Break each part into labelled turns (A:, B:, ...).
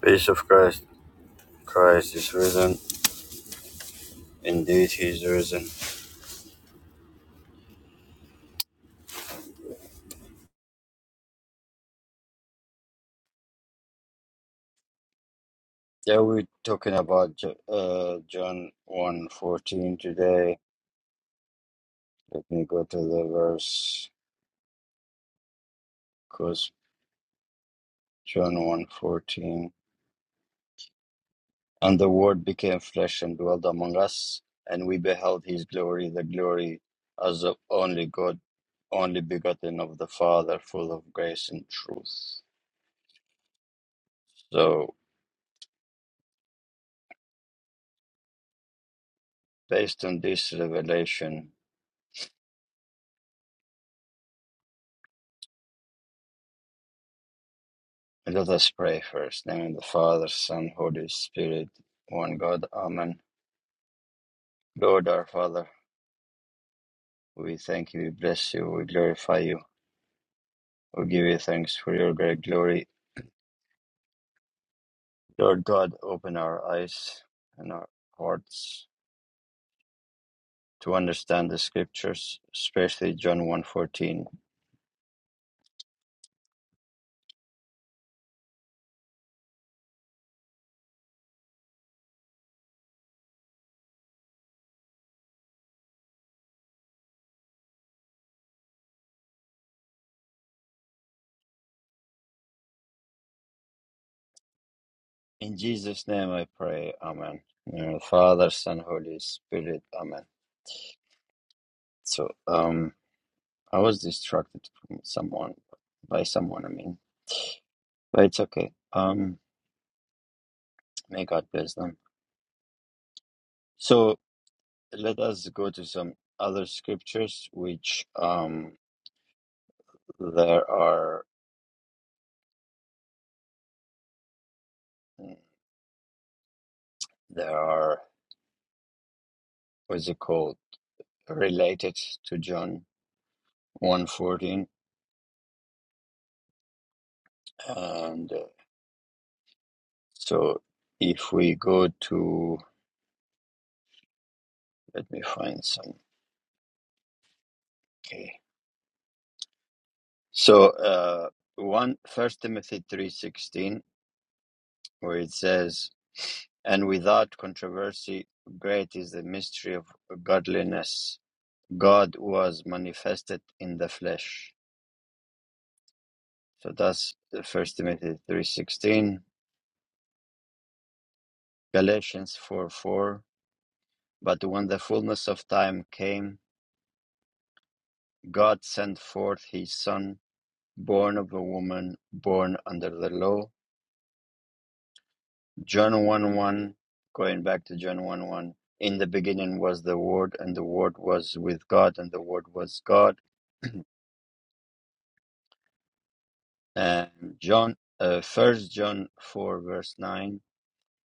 A: Peace of Christ. Christ is risen. Indeed, he is risen. Yeah, we're talking about Jo- uh, John one fourteen today. Let me go to the verse because John one fourteen, And the Word became flesh and dwelt among us, and we beheld his glory, the glory as of only God, only begotten of the Father, full of grace and truth. So, based on this revelation, Let us pray first. In the name of the Father, Son, Holy Spirit, one God. Amen. Lord our Father, we thank you, we bless you, we glorify you, we give you thanks for your great glory. Lord God, open our eyes and our hearts to understand the scriptures, especially John 1.14. In Jesus' name I pray. Amen. In the name of the Father, Son, Holy Spirit. Amen. So, um, I was distracted from someone, by someone, I mean, but it's okay. Um, May God bless them. So let us go to some other scriptures, which um, there are mm, there are what's it called related to John one fourteen, and uh, so if we go to let me find some. Okay, so uh, one First Timothy three sixteen, where it says, "And without controversy, great is the mystery of godliness." God was manifested in the flesh. So that's First Timothy three sixteen, Galatians four four. But when the fullness of time came, God sent forth His Son, born of a woman, born under the law. John one one, going back to John one one. In the beginning was the Word, and the Word was with God, and the Word was God. And John, uh, First John four verse nine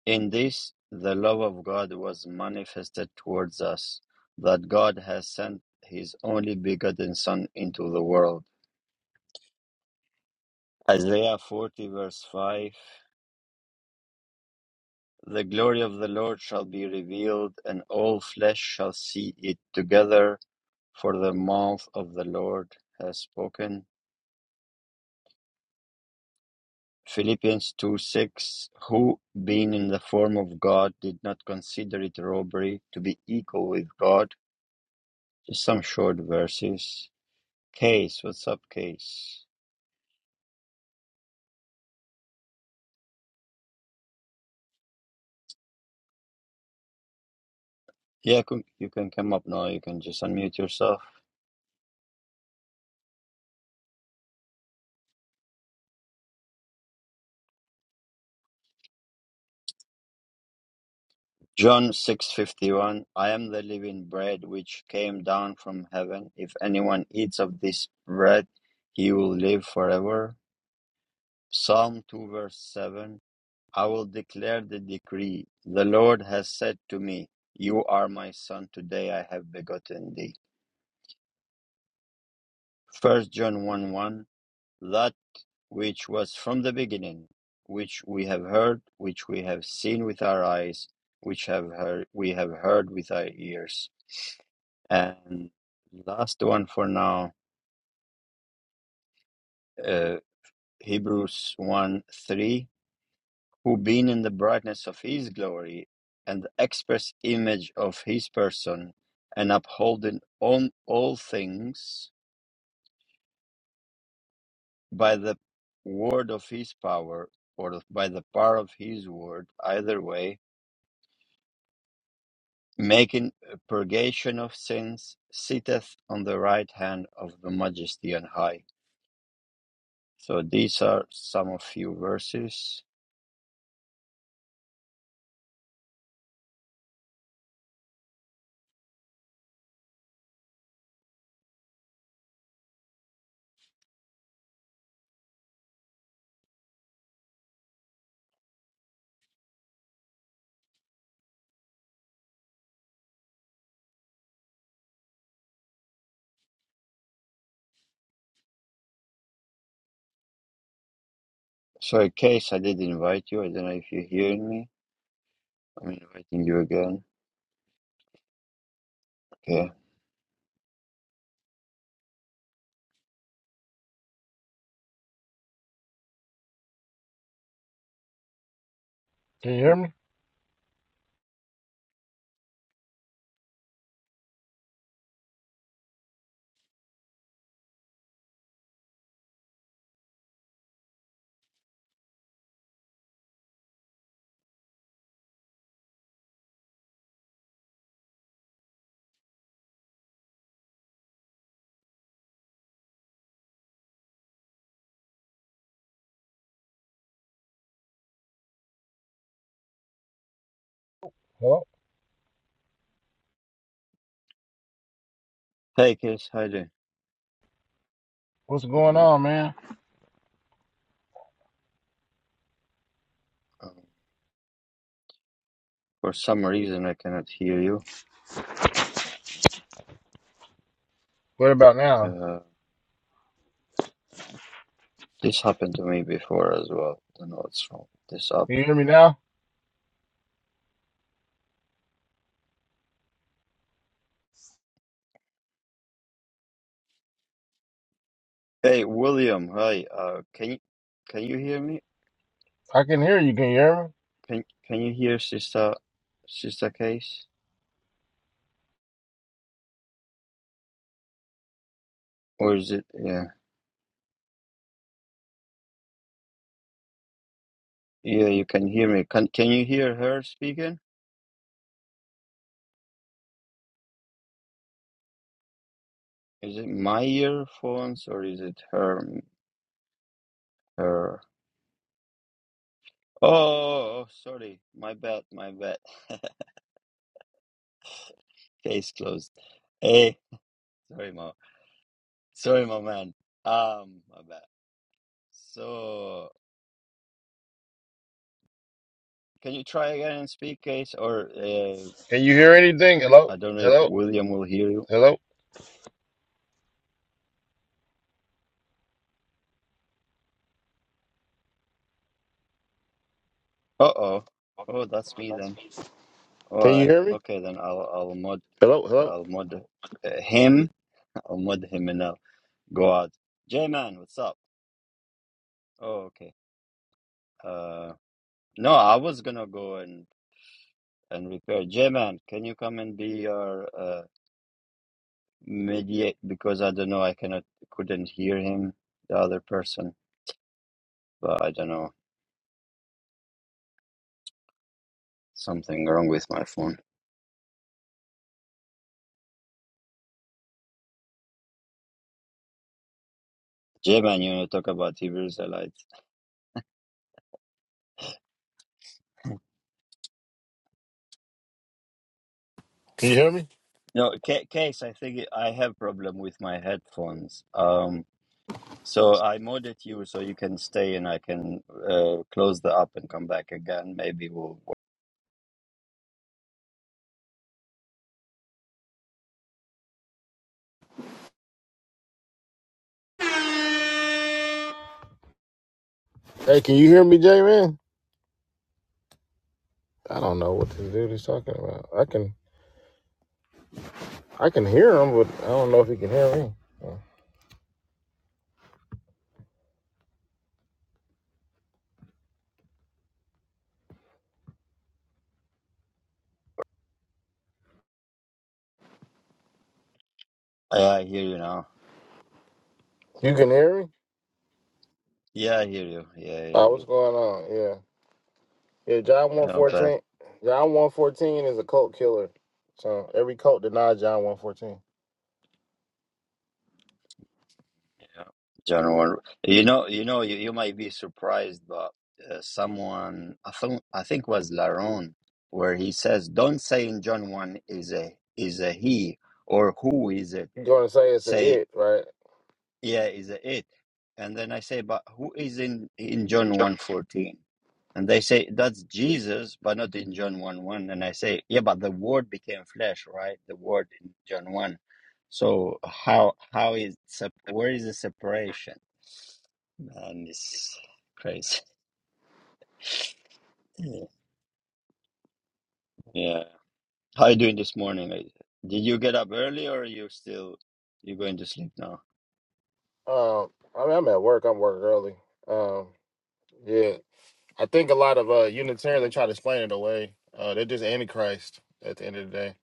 A: In this the love of God was manifested towards us, that God has sent his only begotten Son into the world. Isaiah 40, verse 5 The glory of the Lord shall be revealed, and all flesh shall see it together, for the mouth of the Lord has spoken. Philippians 2 6 Who, being in the form of God, did not consider it robbery to be equal with God. Just some short verses. Case, what's up, Case? Yeah, c- you can come up now. You can just unmute yourself. John 6:51 I am the living bread which came down from heaven. If anyone eats of this bread, he will live forever. Psalm 2 verse 7 I will declare the decree. The Lord has said to me, you are my son today I have begotten thee. 1 one. 1:1 which was from the beginning, which we have heard, which we have seen with our eyes, which have heard, we have heard with our ears. And last one for now, uh, Hebrews 1 3, who being in the brightness of his glory and the express image of his person, and upholding on all things by the word of his power, or by the power of his word, either way, making purgation of sins, sitteth on the right hand of the Majesty on high. So these are some of few verses. So in case I did invite you, I don't know if you're hearing me. I'm inviting you again. Okay.
B: Can you hear me? Hello?
A: Hey, case, hi there.
B: What's going on, man?
A: Um, for some reason, I cannot hear you.
B: What about now?
A: Uh, this happened to me before as well. I don't know what's wrong with this app.
B: Can you hear me now?
A: Hey, William, hi. Uh, can you can you hear me?
B: I can hear you. Can you hear me?
A: Can can you hear Sister Sister Case? Or is it? Yeah. Yeah, you can hear me. Can can you hear her speaking? Is it my earphones or is it her her? Oh, oh, sorry. My bad, my bad. Case closed. Hey, sorry, Mo. Sorry, my man. Um, my bad. So, can you try again and speak, Case? Or uh,
B: Can you hear anything? Hello?
A: I don't know if
B: Hello?
A: William will hear you.
B: Hello?
A: Uh-oh. Oh, that's me then. All
B: Can you
A: right.
B: hear me?
A: Okay, then I'll I'll mod
B: Hello? Hello?
A: I'll mod uh, him. I'll mod him enough. Go out. J Man, what's up? Oh, okay. Uh, no, I was gonna go and and repair. J Man, can you come and be your uh mediate? Because I don't know, I cannot, couldn't hear him, the other person. But I don't know, something wrong with my phone. J Man, you know, talk about Hebrew Israelites.
B: Can you hear me?
A: No, ca case. I think I have problem with my headphones. Um, so I modded you so you can stay and I can uh close the app and come back again. Maybe we'll.
B: Hey, can you hear me, J Man? I don't know what this dude is talking about. I can I can hear him, but I don't know if he can hear me.
A: I I hear you now.
B: You can hear me?
A: Yeah, I hear you. Yeah, yeah, yeah.
B: Uh, what's
A: yeah.
B: going on? Yeah. Yeah, John
A: You know, but
B: 114. John 114 is a cult killer. So every cult denies John 114.
A: you know, John Warren. You know, you know, you, you might be surprised, but uh, someone I think I think was Laron, where he says, "Don't say in John one is a is a he or who is it.
B: You're
A: eh,
B: gonna say it's an
A: Say
B: it, right?
A: Yeah, is a it. And then I say, but who is in in John one fourteen? And they say that's Jesus, but not in John 1 1. And I say, yeah, but the word became flesh, right? The word in John 1. So how how is sep- where is the separation? Man, it's crazy. Yeah. Yeah. How you doing this morning? Lady? Did you get up early or you still you going to sleep now?
B: Um, I mean, I'm at work. I'm working early. Um, yeah, I think a lot of uh Unitarians they try to explain it away. Uh, they're just antichrist at the end of the day.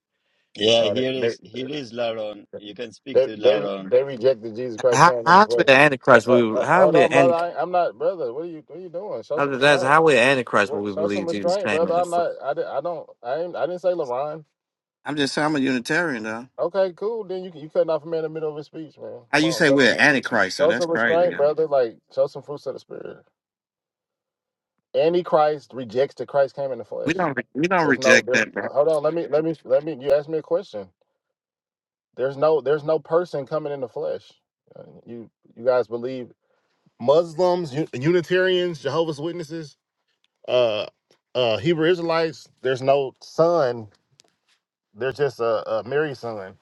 A: Yeah,
B: Uh, they
A: here
B: they
A: is here is Laron. You can speak
B: they
A: to
B: they,
A: Laron.
B: they rejected Jesus Christ
C: How,
B: coming in the
C: how's we
B: flesh.
C: an antichrist?
B: Uh,
C: when We
B: uh,
C: how
B: hold
C: we
B: on,
C: an
B: brother.
C: anti-
B: I, I'm not, brother. What are you What are you doing? Show
C: I'm
B: some
C: just
B: restraint.
C: how we an
B: What-
C: antichrist when
B: what-
C: we
B: Show some
C: believe Jesus
B: restraint,
C: came
B: brother.
C: in the
B: I'm
C: first?
B: not. I did. I don't. I ain't, I didn't say LeBron.
C: I'm just saying I'm a Unitarian though.
B: Okay, cool. Then you you cutting off a man in the middle of his speech, man.
C: How
B: Come
C: you
B: on,
C: say
B: show
C: we're
B: some,
C: an antichrist? So
B: show
C: that's
B: some
C: crazy.
B: restraint,
C: yo.
B: brother. Like show some fruits of the spirit. Antichrist rejects that Christ came in the
C: We
B: flesh.
C: don't re- we don't
B: There's no
C: reject
B: there's
C: that, bro.
B: uh, hold on, let me let me let me you asked me a question. There's no there's no person coming in the flesh. Uh, You you guys believe Muslims, U- Unitarians, Jehovah's Witnesses, uh uh Hebrew Israelites, there's no son, there's just a, a Mary son.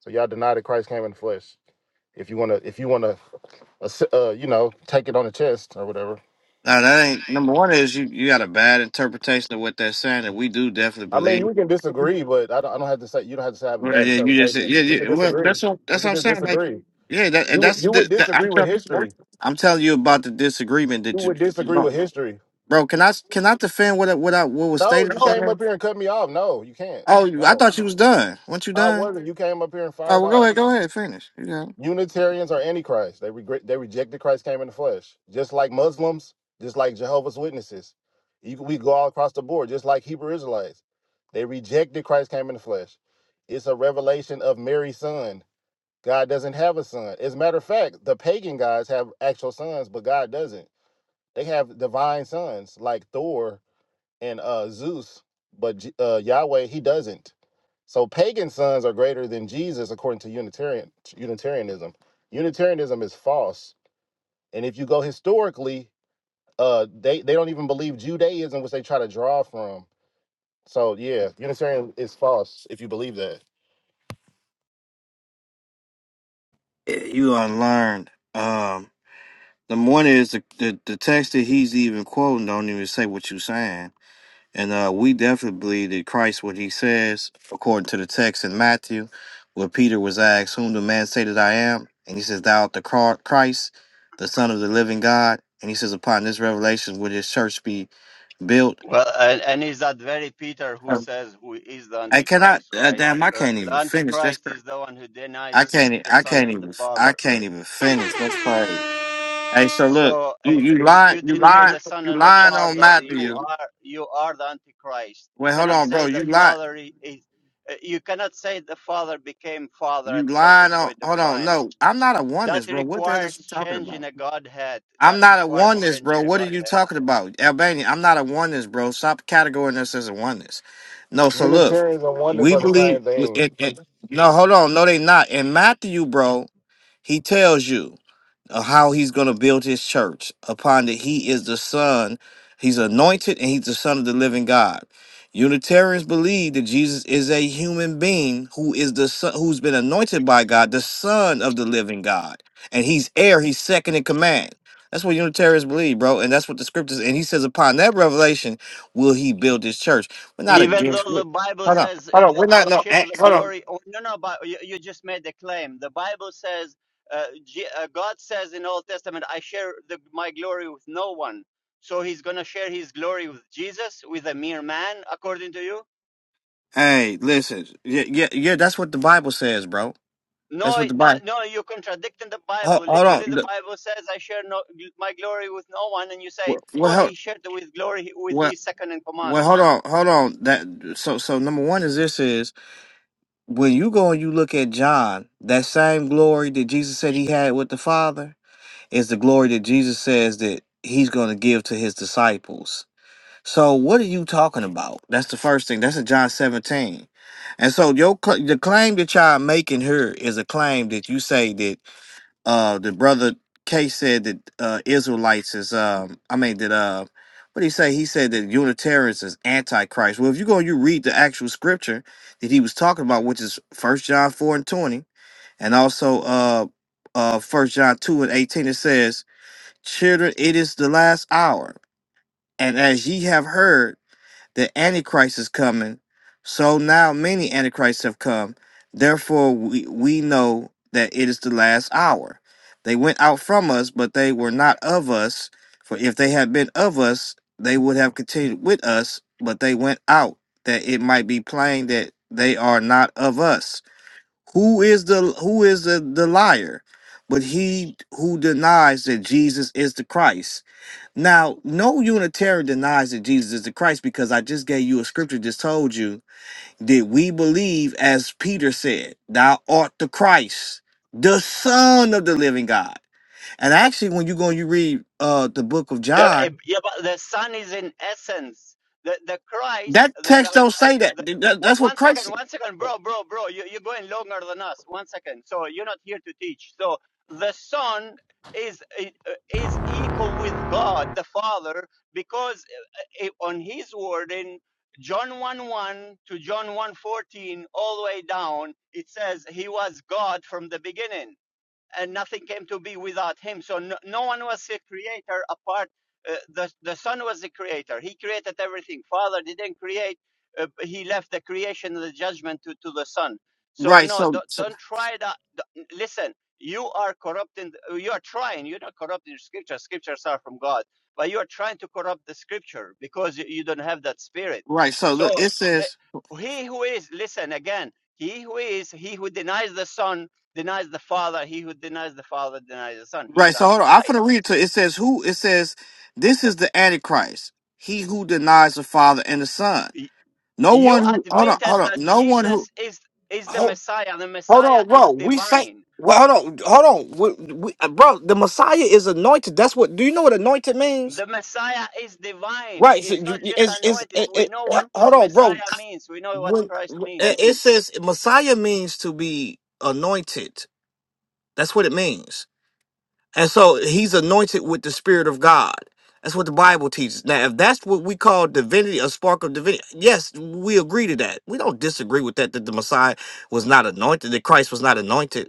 B: So y'all deny that Christ came in the flesh. If you wanna if you wanna uh, s- uh, you know, take it on the chest or whatever.
C: No, that ain't number one. Is you you got a bad interpretation of what they're saying that we do definitely
B: I mean,
C: believe.
B: we can disagree, but I don't, I don't have to say you don't have to say I have a
C: Well,
B: bad
C: yeah, you just
B: interpretation.
C: yeah,
B: We can
C: yeah well
B: disagree.
C: that's what
B: We
C: that's what
B: could
C: I'm
B: just
C: saying. Like
B: disagree.
C: yeah, that
B: You
C: and
B: would
C: that's
B: you would
C: the, that, I'm
B: disagree with
C: telling you,
B: history.
C: I'm telling you about the disagreement
B: You
C: that you
B: would disagree with history.
C: bro. Can I can I defend what I- what I what was
B: No,
C: stated?
B: you came up here and cut me off. No, you can't.
C: Oh, you- I
B: No,
C: thought you was done. Once you
B: I
C: done,
B: wasn't. You came up here and
C: oh
B: fired
C: well, go
B: off.
C: ahead, go ahead, finish. You got
B: Unitarians are antichrist. They regret. They rejected Christ came in the flesh, just like Muslims, just like Jehovah's Witnesses. You, we go all across the board, just like Hebrew Israelites. They rejected Christ came in the flesh. It's a revelation of Mary's son. God doesn't have a son. As a matter of fact, the pagan gods have actual sons, but God doesn't. They have divine sons like Thor and uh, Zeus, but J- uh, Yahweh he doesn't. So pagan sons are greater than Jesus according to Unitarian Unitarianism. Unitarianism is false, and if you go historically, uh, they they don't even believe Judaism, which they try to draw from. So yeah, Unitarian is false if you believe that.
C: it. Eh, You unlearned. Um, the one is the, the the text that he's even quoting don't even say what you saying, and uh, we definitely believe that Christ what he says according to the text in Matthew, where Peter was asked, "Whom do man say that I am?" and he says, "Thou art the Cro- Christ, the Son of the living God." And he says, "Upon this revelation will his church be built."
A: Well, and, and is that very Peter who
C: Um,
A: says who is the
C: I cannot.
A: Antichrist,
C: Uh,
A: right?
C: damn, I
A: Uh,
C: can't
A: The
C: even finish. That's
A: Antichrist
C: crazy.
A: is the one who
C: I
A: denies
C: can't. e-
A: the
C: I
A: Son
C: can't
A: and the
C: even. I
A: Father.
C: can't even finish. That's crazy. Hey, so look,
A: So
C: you
A: if
C: you
A: if
C: lying.
A: you
C: You
A: deny
C: lying.
A: the Son
C: You
A: and the
C: lying on
A: Father, you
C: Matthew.
A: are you are the Antichrist. You
C: Wait, hold
A: cannot
C: on,
A: say
C: bro.
A: the
C: You lie.
A: Father i- is. uh, You cannot say the Father became Father
C: You
A: at certain
C: lying on.
A: point of
C: Hold on.
A: time.
C: No, I'm not a oneness,
A: That
C: bro. What the hell
A: requires
C: is you talking
A: change in
C: about?
A: a Godhead.
C: I'm
A: That
C: not a
A: requires
C: oneness,
A: change in
C: bro.
A: a
C: What are you
A: Godhead.
C: talking about, Albania? I'm not a oneness, bro. Stop categorizing us as a oneness. No. So look,
B: Unitarians and oneness
C: we
B: are the
C: believe.
B: same thing.
C: It, it, no, hold on. No, they not. In Matthew, bro, he tells you. of how he's going to build his church upon that he is the son he's anointed and he's the son of the living god unitarians believe that jesus is a human being who is the son who's been anointed by god the son of the living god and he's heir he's second in command that's what unitarians believe bro and that's what the scriptures and he says upon that revelation will he build his church we're not
A: Even
C: against
A: though the Bible
C: hold on
A: says, uh,
C: hold on
A: I'll,
C: we're
A: I'll
C: not no
A: share
C: eh,
A: the
C: hold on
A: glory. Oh, no, no, but you, you just made the claim. The Bible says, uh, Je- uh, God says in Old Testament, I share the, my glory with no one. So he's going to share his glory with Jesus, with a mere man, according to you?
C: hey listen yeah yeah yeah that's what the bible says bro that's
A: No,
C: what the
A: no,
C: bible
A: no, you're contradicting the
C: Hold,
A: Bible.
C: hold on.
A: Literally, the
C: The-
A: Bible says, I share no, my glory with no one. And you say,
C: Well, well,
A: oh,
C: hold,
A: he shared with glory with
C: well,
A: his second in command.
C: well, hold on, hold on. That so so number one is this is when you go and you look at John, that same glory that Jesus said he had with the Father is the glory that Jesus says that he's going to give to his disciples. So what are you talking about? That's the first thing. That's in John 17. And so your cl- the claim that y'all making here is a claim that you say that uh the brother K said that uh Israelites is um I mean that uh what did he say? He said that Unitarians is antichrist. Well if you go and you read the actual scripture that he was talking about, which is first John four and twenty, and also uh uh first John two and eighteen, it says, Children, it is the last hour. And as ye have heard, the antichrist is coming so now many antichrists have come therefore we, we know that it is the last hour they went out from us but they were not of us for if they had been of us they would have continued with us but they went out that it might be plain that they are not of us who is the who is the, the liar but he who denies that jesus is the christ now, no Unitarian denies that Jesus is the Christ because I just gave you a scripture, just told you that we believe, as Peter said, thou art the Christ, the Son of the living God. And actually, when you go and you read uh the book of
A: Yeah, eh,
C: John,
A: yeah, but the Son is in essence. The the Christ,
C: that
A: the,
C: text
A: like
C: don't
A: uh,
C: say that.
A: the,
C: Th- that-
A: one
C: that's what
A: one
C: Christ
A: second,
C: said.
A: one second, bro, bro, bro. You you're going longer than us. One second. So you're not here to teach. So the Son is eh, uh, is equal with God the Father because eh, eh, on His word in John 1 1 to John one fourteen all the way down, it says He was God from the beginning and nothing came to be without him. So no, no one was a creator apart. Uh, the the Son was the creator. He created everything. Father didn't create. Uh, he left the creation and the judgment to, to the Son. So
C: Right.
A: no,
C: So,
A: don't,
C: so
A: don't try that. d- Listen, you are corrupting. You are trying. You're not corrupting Scripture. Scriptures are from God, but you are trying to corrupt the Scripture because you, you don't have that spirit.
C: right. So look,
A: So
C: it
A: the,
C: says,
A: he who is, listen again. He who is, he who denies the Son denies the Father, he who denies the Father denies the Son. He's
C: right. So hold on. I'm
A: Antichrist.
C: finna read it to you. It says who it says, this is the Antichrist, he who denies the Father and the Son. No
A: You
C: one who hold on, hold
A: admitted
C: on.
A: that
C: No one who
A: Jesus is is the
C: hold,
A: Messiah. The
C: hold
A: Messiah
C: on,
A: is
C: bro. We say,
A: divine.
C: well, hold on, hold on, we, we, uh, bro. The Messiah is anointed. That's what. Do you know what anointed means?
A: The Messiah is divine.
C: Right. So
A: Is
C: you,
A: not just
C: it's, it's,
A: anointed.
C: it,
A: We
C: it,
A: know
C: uh,
A: what
C: hold on, bro.
A: Messiah means. We know what
C: When
A: Christ
C: it
A: means.
C: it says Messiah means to be anointed. That's what it means. And so he's anointed with the Spirit of God. That's what the Bible teaches. Now, if that's what we call divinity, a spark of divinity, yes, we agree to that. We don't disagree with that. That the Messiah was not anointed. That Christ was not anointed.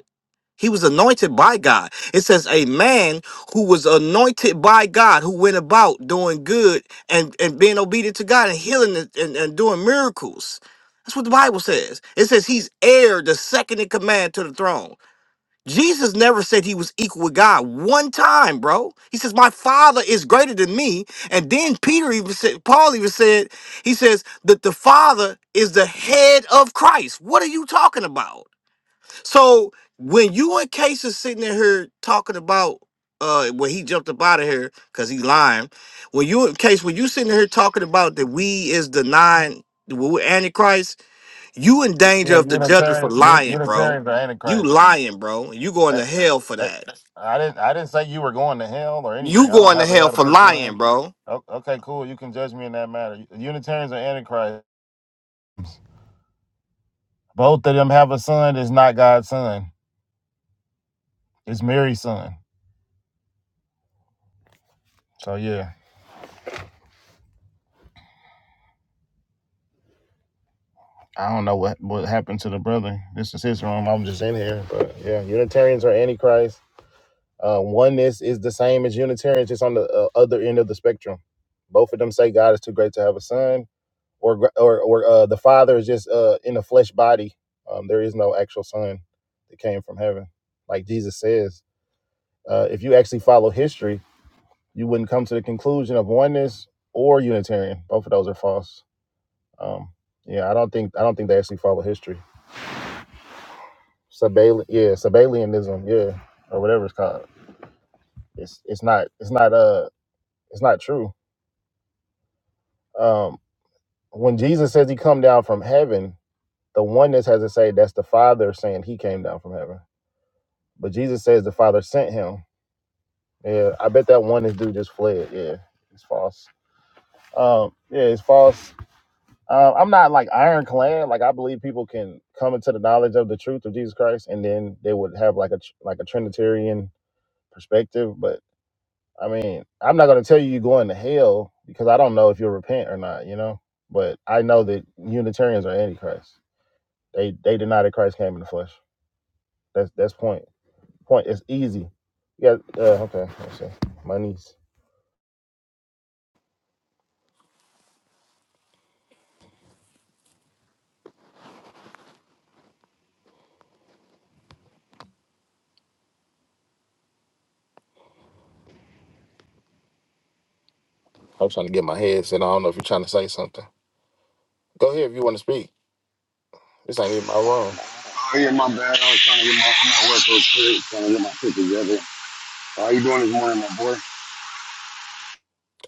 C: He was anointed by God. It says a man who was anointed by God, who went about doing good and, and being obedient to God and healing and, and, and doing miracles. That's what the Bible says. It says he's heir, the second in command to the throne. Jesus never said he was equal with God one time, bro. He says, My father is greater than me. And then Peter even said, Paul even said, he says that the father is the head of Christ. What are you talking about? So when you and Case is sitting in here talking about uh when he jumped up out of here because he lying, when you and Case, when you sitting here talking about that we is denying the we- Antichrist, you in danger
B: Yeah,
C: of the judges for
B: Unitarians, U-
C: lying, bro.
B: Unitarians are
C: You
B: antichrist.
C: lying, bro. You going
B: I,
C: to hell for
B: I,
C: that.
B: I didn't, I didn't say you were going to hell or anything.
C: You
B: I don't
C: going to
B: have a
C: hell
B: hell to
C: for
B: put you
C: lying,
B: in.
C: bro.
B: O- Okay, cool. You can judge me in that matter. Unitarians are antichrist. Both of them have a son. that's not God's son. It's Mary's son. So yeah, I don't know what what happened to the brother. This is his room. I'm just in here. But yeah, Unitarians are antichrist. Uh, oneness is the same as Unitarians, just on the uh, other end of the spectrum. Both of them say God is too great to have a son. or or or uh, the Father is just uh, in a flesh body. Um, there is no actual Son that came from heaven, like Jesus says. Uh, if you actually follow history, you wouldn't come to the conclusion of oneness or Unitarian. Both of those are false. Um, yeah, I don't think I don't think they actually follow history. Sabali- yeah, Sabellianism, yeah, or whatever it's called. It's it's not it's not uh it's not true. Um, when Jesus says he come down from heaven, the oneness has to say that's the Father saying he came down from heaven But Jesus says the Father sent him. Yeah, I bet that one is dude just fled. Yeah, it's false. Um, yeah, it's false. Um, I'm not like ironclad. Like I believe people can come into the knowledge of the truth of Jesus Christ, and then they would have like a tr- like a Trinitarian perspective. But I mean, I'm not going to tell you you're going to hell because I don't know if you'll repent or not. You know, but I know that Unitarians are antichrist. They they deny that Christ came in the flesh. That's that's point. Point. It's easy. Yeah. Uh, okay. Let's see. My niece. I was trying to get my head set. on. I don't know if you're trying to say something. Go ahead if you want to speak. This ain't even my room.
D: Oh yeah, my bad. I was trying to get my I'm at work real quick, trying to get my shit together. How you doing this morning, my boy?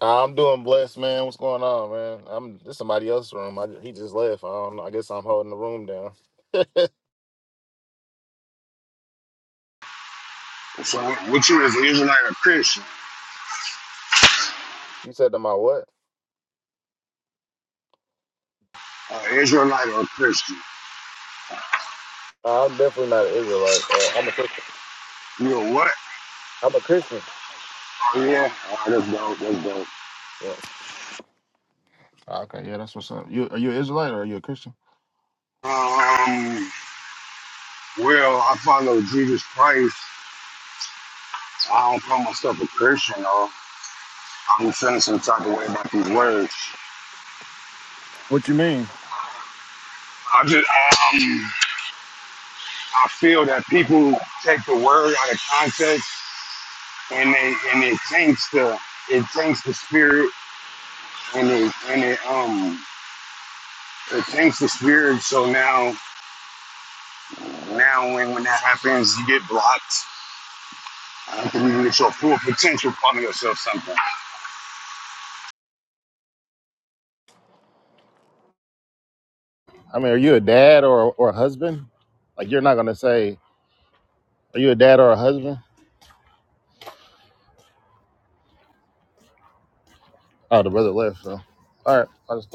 B: I'm doing blessed, man. What's going on, man? I'm this somebody else's room. I, he just left. I don't know. I guess I'm holding the room down.
D: So, what, what you is an Israelite or Christian?
B: You said to my what?
D: Uh, Israelite or Christian?
B: Uh, I'm definitely not an Israelite. Uh, I'm a Christian.
D: You a what?
B: I'm a Christian.
D: Oh yeah. Oh, that's dope. That's dope.
B: Yeah. Okay, yeah, that's what's up. You are you an Israelite or are you a Christian?
D: Um, well, I follow Jesus Christ. I don't call myself a Christian though. I'm feeling some type of way about these words.
B: What you mean?
D: I just, um, I feel that people take the word out of context and they and it taints the it taints the spirit and it and it um it tanks the spirit. So now now when when that happens, you get blocked. I don't think you get your full potential from yourself sometimes.
B: I mean, are you a dad or or a husband? Like, you're not gonna say, "Are you a dad or a husband?" Oh, the brother left. So, all right, I just